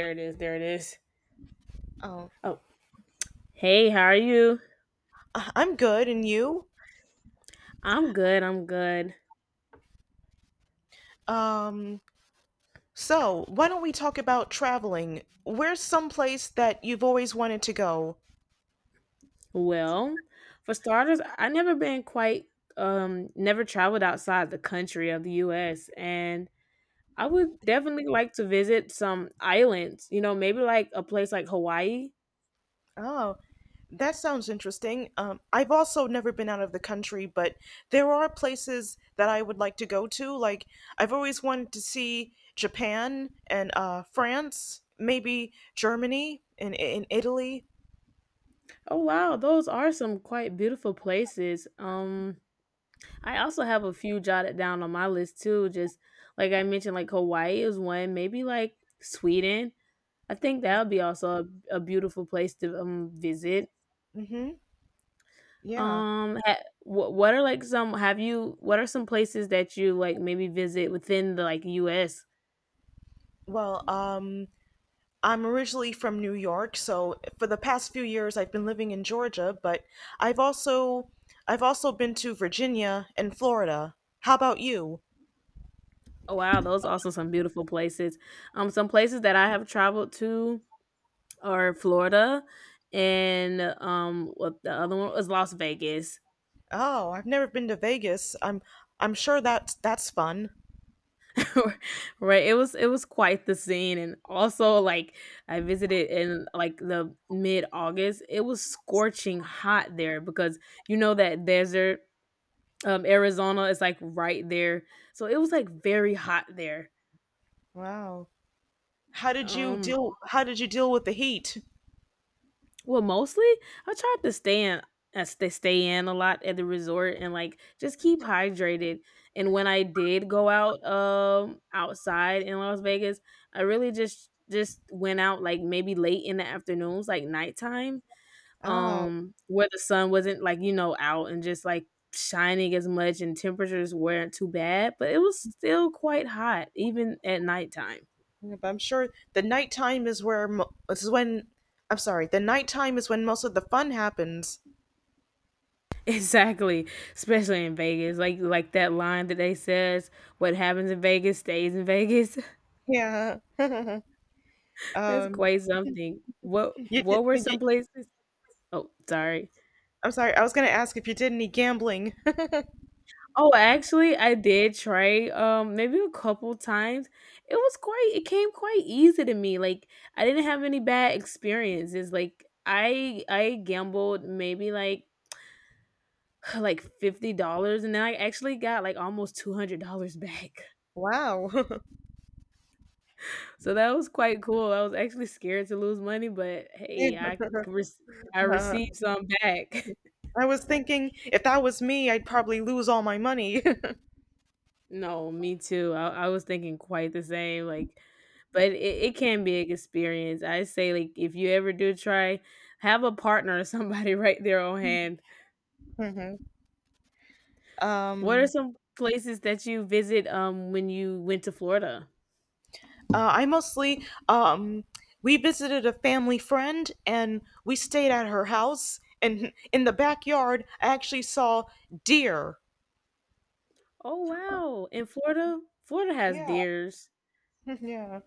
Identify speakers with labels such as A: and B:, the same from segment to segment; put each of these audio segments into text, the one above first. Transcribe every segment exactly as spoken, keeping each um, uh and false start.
A: There it is. There it is.
B: Oh,
A: Oh, hey, how are you?
B: I- I'm good, and you?
A: I'm good. I'm good.
B: Um, so why don't we talk about traveling? Where's some place that you've always wanted to go?
A: Well, for starters, I never been quite um never traveled outside the country of the U S, and I would definitely like to visit some islands, you know, maybe like a place like Hawaii.
B: Oh, that sounds interesting. Um, I've also never been out of the country, but there are places that I would like to go to. Like I've always wanted to see Japan and uh, France, maybe Germany and in Italy.
A: Oh wow, those are some quite beautiful places. Um I also have a few jotted down on my list too, just like I mentioned, like Hawaii is one, maybe like Sweden. I think that would be also a, a beautiful place to um, visit.
B: Mm-hmm. Yeah.
A: Um, ha- what what are like some, have you? What are some places that you like maybe visit within the like U S?
B: Well, um, I'm originally from New York, so for the past few years I've been living in Georgia, but I've also I've also been to Virginia and Florida. How about you?
A: Oh wow, those also some beautiful places. Um, some places that I have traveled to are Florida, and um, what, the other one was Las Vegas.
B: Oh, I've never been to Vegas. I'm I'm sure that's that's fun.
A: Right, it was, it was quite the scene. And also, like, I visited in like the mid August. It was scorching hot there because, you know, that desert, um Arizona is like right there, so it was like very hot there.
B: Wow. How did you
A: um
B: deal how did you deal with the heat?
A: Well, mostly I tried to stay in, I st- stay in a lot at the resort and like just keep hydrated. And when I did go out, um outside in Las Vegas, I really just just went out like maybe late in the afternoons, like nighttime,
B: Oh,
A: um, where the sun wasn't like, you know, out and just like shining as much, and temperatures weren't too bad, but it was still quite hot even at nighttime.
B: yeah, but I'm sure the nighttime is where mo- this is when I'm sorry, the nighttime is when most of the fun happens.
A: Exactly, especially in Vegas, like like that line that they says, "What happens in Vegas stays in Vegas."
B: Yeah.
A: That's
B: Um
A: quite something. What
B: you did
A: what were
B: you,
A: some places? Oh, sorry.
B: I'm sorry. I was going to ask if you did any gambling.
A: Oh, actually, I did try um maybe a couple times. It was quite, it came quite easy to me. Like, I didn't have any bad experiences. Like, I I gambled maybe like like fifty dollars, and then I actually got like almost two hundred dollars back.
B: Wow.
A: So that was quite cool. I was actually scared to lose money, but hey, I rec I
B: Yeah.
A: received some back.
B: I was thinking if that was me, I'd probably lose all my money.
A: No, me too. I I was thinking quite the same, like, but it it can be an experience. I say, like, if you ever do try, have a partner or somebody right there on hand.
B: Mhm.
A: What are
B: Um,
A: some places that you visit, um, when you went to Florida?
B: uh, I mostly um, we visited a family friend and we stayed at her house. And in the backyard, I actually saw deer.
A: Oh, wow. In Florida Florida has
B: Yeah,
A: deers.
B: yeah.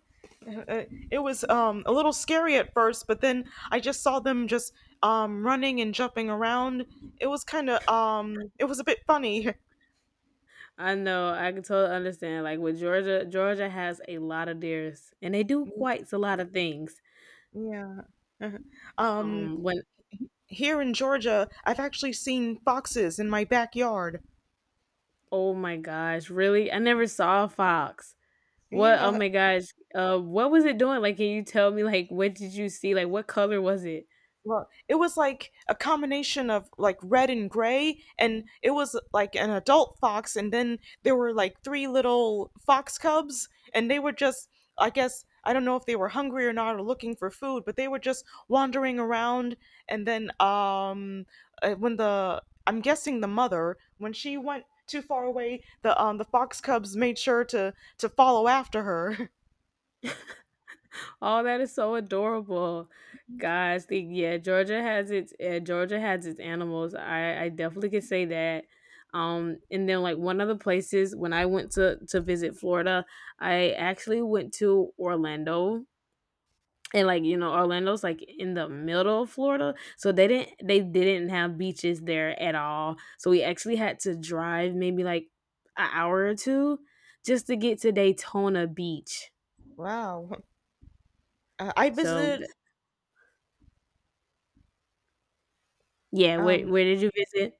B: Uh, It was um, a little scary at first, but then I just saw them just um, running and jumping around. It was kind of um, it was a bit funny.
A: I know. I can totally understand. Like with Georgia, Georgia has a lot of deers, and they do quite a lot of things.
B: Yeah. Uh-huh. Um,
A: Um, when
B: here in Georgia, I've actually seen foxes in my backyard.
A: Oh my gosh, really? I never saw a fox. What? Oh
B: Yeah.
A: my gosh. Uh, what was it doing? Like, can you tell me, like, what did you see? Like, what color was it?
B: Well, it was like a combination of like red and gray, and it was like an adult fox, and then there were like three little fox cubs, and they were just, I guess, I don't know if they were hungry or not or looking for food, but they were just wandering around, and then um, uh, when the I'm guessing the mother when she went too far away, the um the fox cubs made sure to to follow after her.
A: Oh, that is so adorable. Guys! The yeah, Georgia has its Yeah, Georgia has its animals. I I definitely could say that. Um, and then like one of the places when I went to to visit Florida, I actually went to Orlando. And like, you know, Orlando's like in the middle of Florida. So they didn't they didn't have beaches there at all. So we actually had to drive maybe like an hour or two just to get to Daytona Beach.
B: Wow. Uh, I
A: So
B: visited
A: th- yeah, where
B: um
A: where did you visit?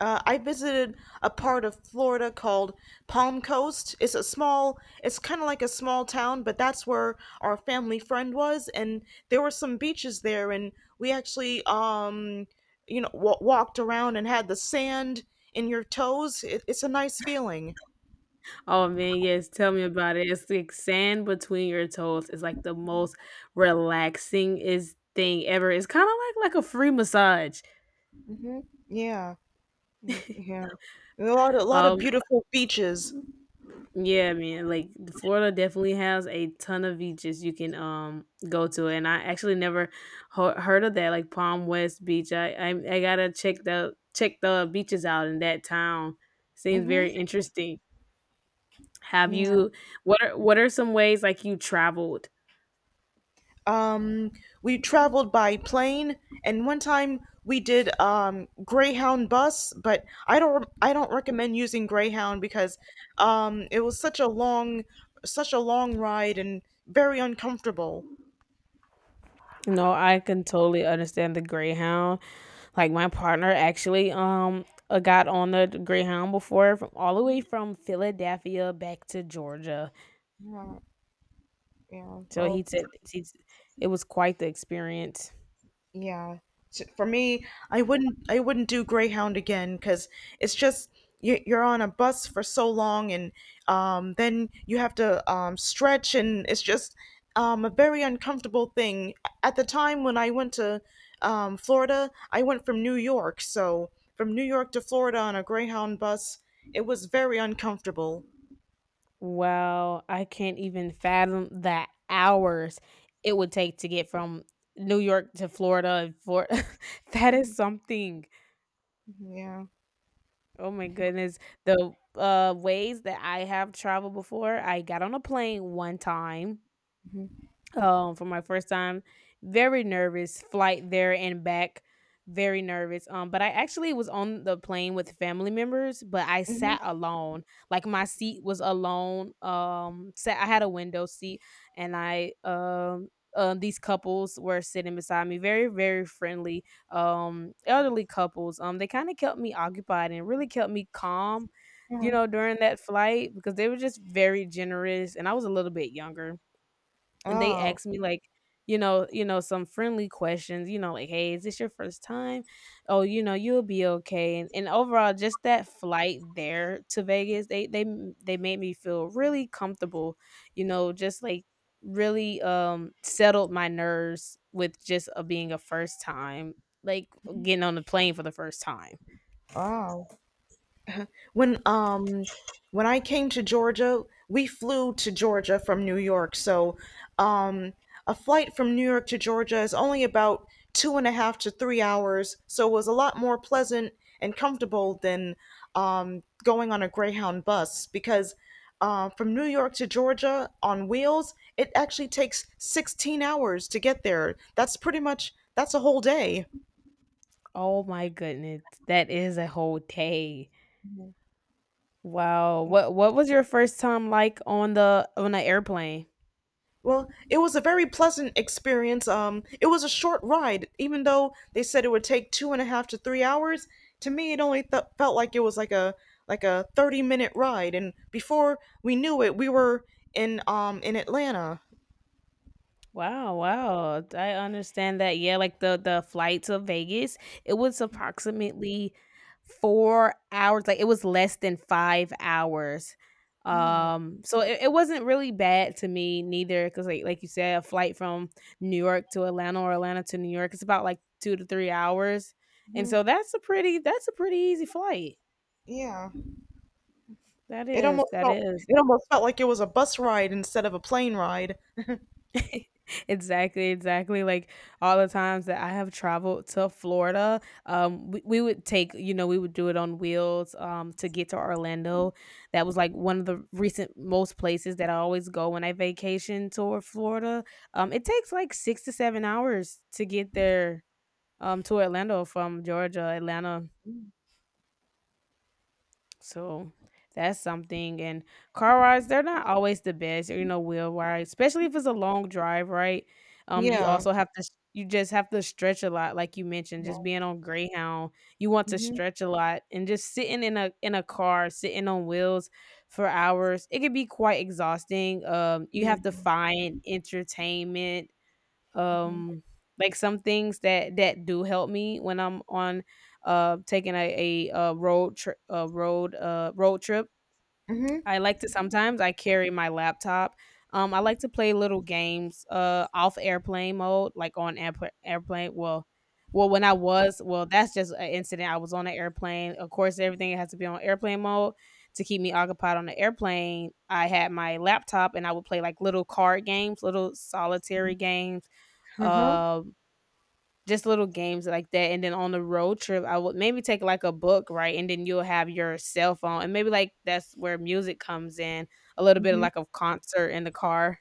B: Uh, I visited a part of Florida called Palm Coast. It's a small, it's kind of like a small town, but that's where our family friend was, and there were some beaches there, and we actually, um, you know, w- walked around and had the sand in your toes. It, it's a nice feeling.
A: Oh man, yes, tell me about it. It's like sand between your toes is like the most relaxing is thing ever. It's kind of like like a free massage.
B: Hmm. Yeah, y- yeah. A lot, a lot of
A: Um,
B: beautiful beaches.
A: yeah, man. Like Florida definitely has a ton of beaches you can um go to, and I actually never ho- heard of that, like Palm West Beach. I, I I gotta check the check the beaches out in that town. Seems
B: Hmm.
A: very interesting. Have
B: Yeah.
A: you, what are what are some ways like you traveled?
B: um we traveled by plane, and one time we did um Greyhound bus, but i don't i don't recommend using Greyhound because um it was such a long, such a long ride, and very uncomfortable.
A: No, I can totally understand the Greyhound. Like my partner actually um uh, got on the Greyhound before from all the way from Philadelphia back to Georgia.
B: Yeah, yeah,
A: So
B: well,
A: he said he's, it was quite the experience.
B: yeah. So for me, I wouldn't I wouldn't do Greyhound again because it's just you, you're on a bus for so long, and um, then you have to um, stretch, and it's just um, a very uncomfortable thing. At the time when I went to um, Florida, I went from New York, so from New York to Florida on a Greyhound bus, it was very uncomfortable.
A: Wow, I can't even fathom the hours it would take to get from New York to Florida and Florida. That is something.
B: Yeah.
A: Oh my goodness. The, uh, ways that I have traveled before, I got on a plane one time
B: Hmm.
A: um for my first time. Very nervous flight there and back. Very nervous, um, but I actually was on the plane with family members, but I
B: Hmm.
A: sat alone. Like my seat was alone, um sat, I had a window seat, and I um uh, these couples were sitting beside me. Very very friendly, um, elderly couples. Um, they kind of kept me occupied and really kept me calm, you
B: Yeah.
A: know, during that flight, because they were just very generous and I was a little bit younger, and they
B: Oh,
A: asked me, like, you know you know, some friendly questions, you know, like, "Hey, is this your first time? Oh, you know, you'll be okay." And and overall, just that flight there to Vegas, they they they made me feel really comfortable, you know, just, like, really, um, settled my nerves with just, uh, being a first time, like, getting on the plane for the first time.
B: wow. When um when I came to Georgia, we flew to Georgia from New York. So um a flight from New York to Georgia is only about two and a half to three hours, so it was a lot more pleasant and comfortable than um going on a Greyhound bus because uh, from New York to Georgia on wheels, it actually takes sixteen hours to get there. That's pretty much That's a whole day.
A: Oh my goodness, that is a whole day. Wow. What what was your first time like on the on the airplane?
B: Well, it was a very pleasant experience. Um, it was a short ride, even though they said it would take two and a half to three hours. To me, it only th- felt like it was like a like a thirty minute ride, and before we knew it, we were in um in Atlanta.
A: Wow, wow. I understand that. Yeah, like the the flight to Vegas, it was approximately four hours. Like it was less than five hours.
B: Mm-hmm.
A: Um, so it, it wasn't really bad to me neither, cuz like like you said, a flight from New York to Atlanta or Atlanta to New York, it's about like two to three hours. And so that's a pretty that's a pretty easy flight.
B: Yeah,
A: That
B: it
A: is.
B: almost
A: That
B: felt
A: is.
B: it almost felt like it was a bus ride instead of a plane ride.
A: Exactly, exactly. Like all the times that I have traveled to Florida, um, we, we would take, you know, we would do it on wheels, um, to get to Orlando. That was like one of the recent most places that I always go when I vacation toward Florida. Um, it takes like six to seven hours to get there, um, to Orlando from Georgia, Atlanta. So that's something. And car rides, they're not always the best, you know, wheel ride, especially if it's a long drive, right? Um, you
B: Yeah,
A: also have to, you just have to stretch a lot, like you mentioned,
B: yeah,
A: just being on Greyhound, you want to
B: mm-hmm,
A: stretch a lot, and just sitting in a in a car, sitting on wheels for hours, it can be quite exhausting. Um, you
B: yeah,
A: have to find entertainment,
B: mm-hmm.
A: um, like some things that that do help me when I'm on, uh taking a, a, uh road trip uh road uh road trip.
B: Mm-hmm.
A: I like to, sometimes I carry my laptop. Um, I like to play little games, uh off airplane mode, like on airpl- airplane. Well, well, when I was, well, that's just an incident. I was on an airplane. Of course, everything has to be on airplane mode to keep me occupied on the airplane. I had my laptop and I would play like little card games, little solitary games,
B: Uh-huh.
A: um, just little games like that. And then on the road trip, I would maybe take like a book, right? And then you'll have your cell phone, and maybe like that's where music comes in, a little bit of like a concert in the car.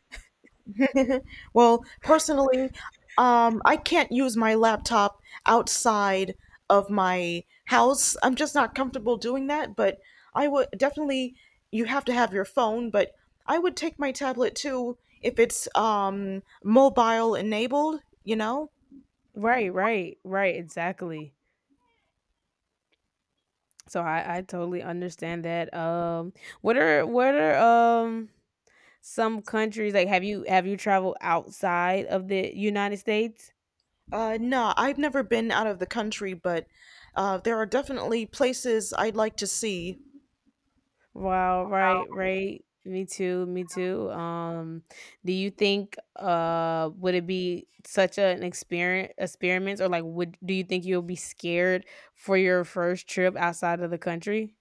B: Well, personally, um, I can't use my laptop outside of my house. I'm just not comfortable doing that, but I would definitely, you have to have your phone, but I would take my tablet too if it's um, mobile enabled, you know?
A: Right, right, right, exactly. So I, I totally understand that. Um, what are what are, um, some countries like? Have you, have you traveled outside of the United States?
B: Uh, no, I've never been out of the country, but uh, there are definitely places I'd like to see.
A: Wow, right, right. Me too, me too. Um, do you think, uh would it be such a- an experience experiment, or like, would do you think you'll be scared for your first trip outside of the country?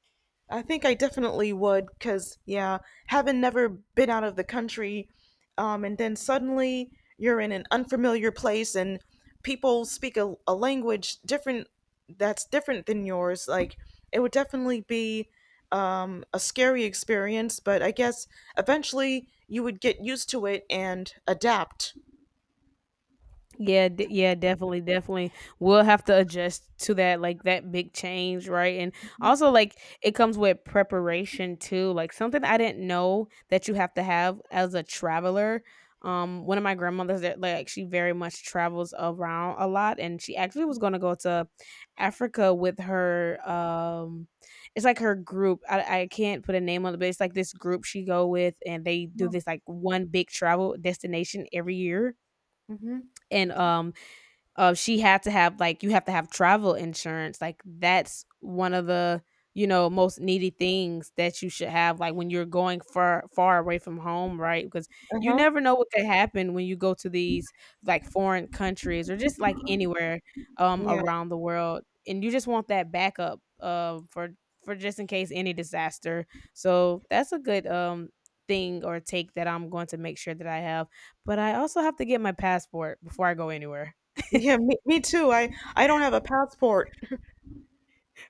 B: I think I definitely would, because, yeah, having never been out of the country, um, and then suddenly you're in an unfamiliar place and people speak a, a language different that's different than yours. Like, it would definitely be um, a scary experience, but I guess eventually you would get used to it and adapt.
A: Yeah, d- yeah, definitely, definitely. We'll have to adjust to that, like that big change, right? And also, like, it comes with preparation too. Like something I didn't know that you have to have as a traveler. Um, one of my grandmothers that like, she very much travels around a lot, and she actually was going to go to Africa with her. Um, it's like her group. I I can't put a name on it, but it's like this group she go with, and they do this like one big travel destination every year.
B: Mm-hmm.
A: And um uh, she had to have like, you have to have travel insurance. Like that's one of the you know most needy things that you should have, like when you're going far far away from home, right? Because you
B: Uh-huh.
A: never know what could happen when you go to these like foreign countries or just like anywhere um
B: Yeah.
A: around the world, and you just want that backup uh for for just in case any disaster. So that's a good um thing or take that I'm going to make sure that I have, but I also have to get my passport before I go anywhere.
B: Yeah, me, me too. I, I don't have a passport.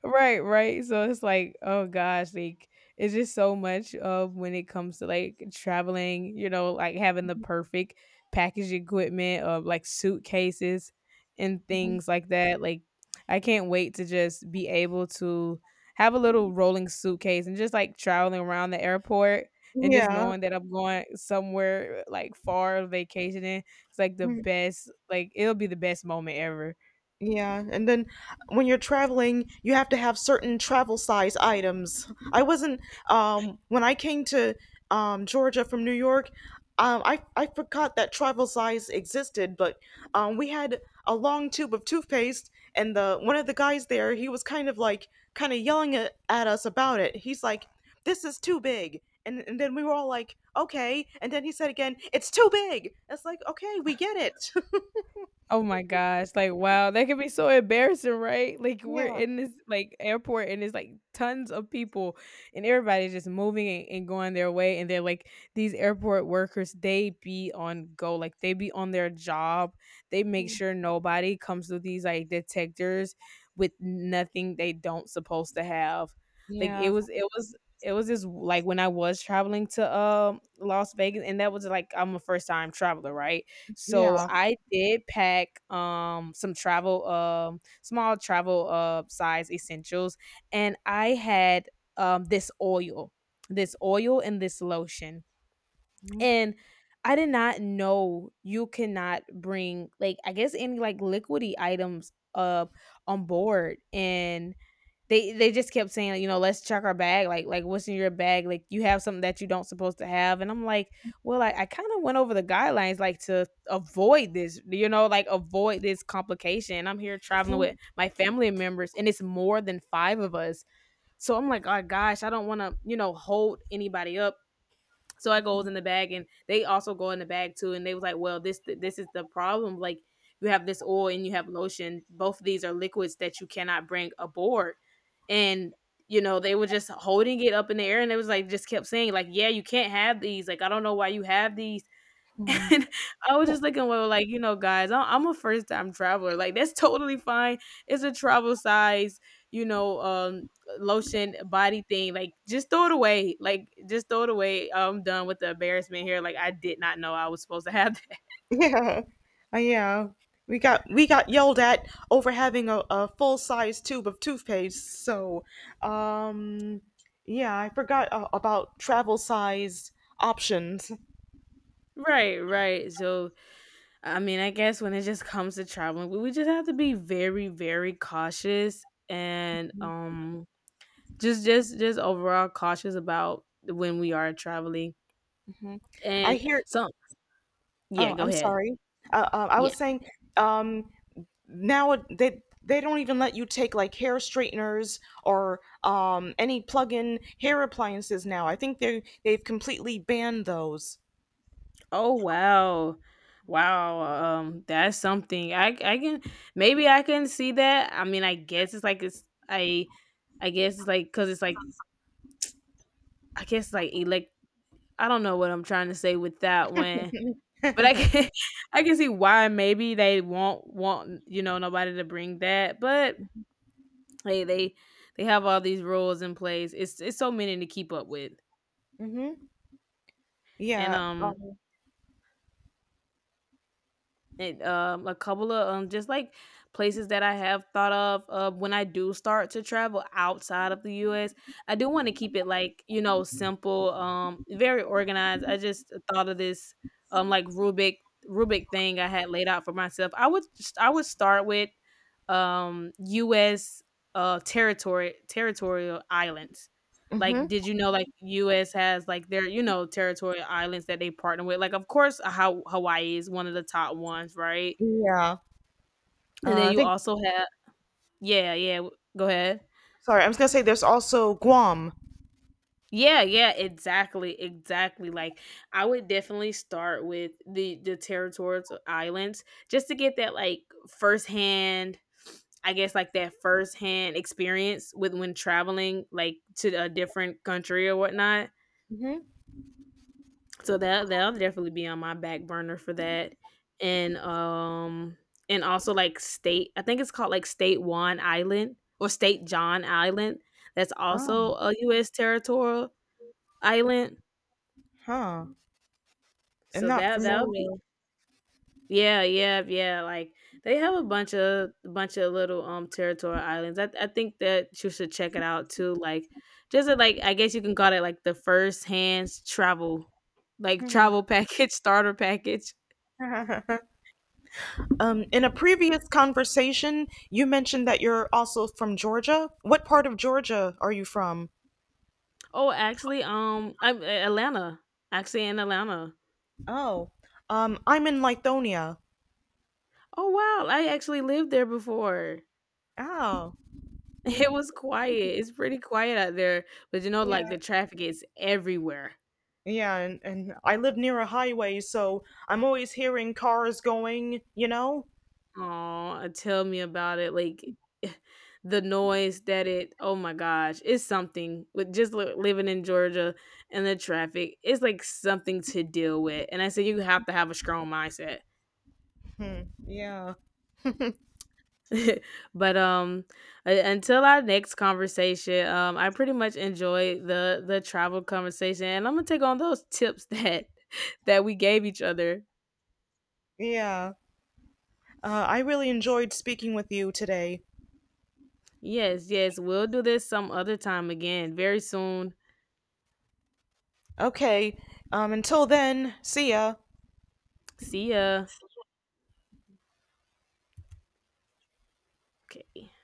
A: Right, right. So it's like, oh gosh, like it's just so much of when it comes to like traveling, you know, like having the perfect package equipment of like suitcases and things like that. Like I can't wait to just be able to have a little rolling suitcase and just like traveling around the airport and just
B: Yeah.
A: knowing that I'm going somewhere like far vacationing. It's like the
B: Mm-hmm.
A: best, like it'll be the best moment ever.
B: Yeah, and then when you're traveling, you have to have certain travel size items. I wasn't um When I came to um Georgia from New York, um I I forgot that travel size existed, but um we had a long tube of toothpaste, and the one of the guys there, he was kind of like kind of yelling at, at us about it. He's like, "This is too big." And and then we were all like, "Okay." And then he said again, "It's too big." It's like, "Okay, we get it."
A: Oh my gosh, like, wow, that could be so embarrassing, right? Like, we're
B: Yeah.
A: in this, like, airport and it's, like, tons of people and everybody's just moving and, and going their way, and they're, like, these airport workers, they be on go, like, they be on their job. They make
B: Mhm.
A: sure nobody comes through these, like, detectors with nothing they don't supposed to have. Like, it
B: Yeah.
A: was it was it was just, like, when I was traveling to, um, Las Vegas, and that was, like, I'm a first-time traveler, right? So
B: Yeah.
A: I did pack um some travel um small travel uh size essentials, and I had um this oil, this oil and this lotion.
B: Mhm.
A: And I did not know you cannot bring like I guess any like liquidy items uh on board. And they they just kept saying, like, you know, let's check our bag. Like, like what's in your bag? Like, you have something that you don't supposed to have. And I'm like, well, I, I kind of went over the guidelines like to avoid this, you know, like avoid this complication. And I'm here traveling with my family members, and it's more than five of us. So I'm like, oh gosh, I don't want to, you know, hold anybody up. So I goes in the bag, and they also go in the bag too. And they was like, "Well, this this is the problem. Like you have this oil and you have lotion. Both of these are liquids that you cannot bring aboard." And you know they were just holding it up in the air, and they was like just kept saying like, "Yeah, you can't have these. Like I don't know why you have these." And I was just looking, well, like, you know, guys, I I'm a first time traveler. Like, that's totally fine. It's a travel size, you know, um, lotion body thing. Like, just throw it away. Like, just throw it away. I'm done with the embarrassment here. Like, I did not know I was supposed to have that.
B: Yeah. Uh, Yeah. We got we got yelled at over having a, a full size tube of toothpaste. So, um, yeah, I forgot uh, about travel size options.
A: Right, right. So, I mean, I guess when it just comes to traveling, we we just have to be very, very cautious, and um just just just overall cautious about when we are traveling.
B: Hmm. I
A: And
B: hear.
A: so yeah,
B: Oh,
A: go
B: I'm
A: ahead.
B: sorry. Uh, uh, I
A: Yeah.
B: was saying, um, now it- they they don't even let you take like hair straighteners or um, any plug-in hair appliances now. I think they they've completely banned those.
A: Oh wow. Wow. Um that's something. I I can Maybe I can see that. I mean, I guess it's like it's I I guess it's like cuz it's like I guess like elect I don't know what I'm trying to say with that one. But I can I can see why maybe they won't want you know nobody to bring that, but hey, they they have all these rules in place. It's it's so many to keep up with.
B: Hmm.
A: And
B: Yeah.
A: um
B: Um,
A: And, um, a couple of um, just like places that I have thought of uh, when I do start to travel outside of the U S. I do want to keep it like you know simple, um, very organized. I just thought of this um like Rubik Rubik thing I had laid out for myself. I would just, I would start with um U S uh territory territorial islands.
B: hmm.
A: Like, did you know like U S has like their, you know, territorial islands that they partner with? Like, of course, how Hawaii is one of the top ones, right?
B: Yeah.
A: And
B: Uh,
A: then
B: I
A: you
B: think.
A: also have yeah, yeah, w go ahead.
B: Sorry, I was gonna say there's also Guam.
A: Yeah, yeah, exactly, exactly. Like, I would definitely start with the the territorial islands just to get that like firsthand, I guess like that firsthand experience with when traveling like to a different country or whatnot.
B: Hmm.
A: So that that'll definitely be on my back burner for that. And um and also like state, I think it's called like State Juan Island or State John Island. That's also
B: Oh,
A: a U S territorial island.
B: huh. I'm
A: So
B: not
A: that that'll
B: familiar.
A: be yeah, yeah, yeah. Like they have a bunch of bunch of little um territorial islands. I I think that you should check it out too. Like just a, like I guess you can call it like the first hands travel like travel package, starter package.
B: Um, in a previous conversation, you mentioned that you're also from Georgia. What part of Georgia are you from?
A: Oh, actually, um, I'm uh, Atlanta. Actually, in Atlanta.
B: Oh, um, I'm in Lithonia.
A: Oh wow, I actually lived there before.
B: Oh,
A: It was quiet. It's pretty quiet out there, but you know,
B: yeah,
A: like the traffic is everywhere.
B: yeah, and, and I live near a highway, so I'm always hearing cars going. You know?
A: Oh, tell me about it. Like the noise that it. Oh my gosh, it's something. With just li- living in Georgia and the traffic, it's like something to deal with. And I said you have to have a strong mindset.
B: Yeah,
A: But um u- until our next conversation, um I pretty much enjoyed the the travel conversation, and I'm gonna take on those tips that that we gave each other.
B: yeah. Uh, I really enjoyed speaking with you today.
A: Yes, yes, we'll do this some other time again very soon.
B: Okay, um, until then, see ya.
A: See ya. Okay.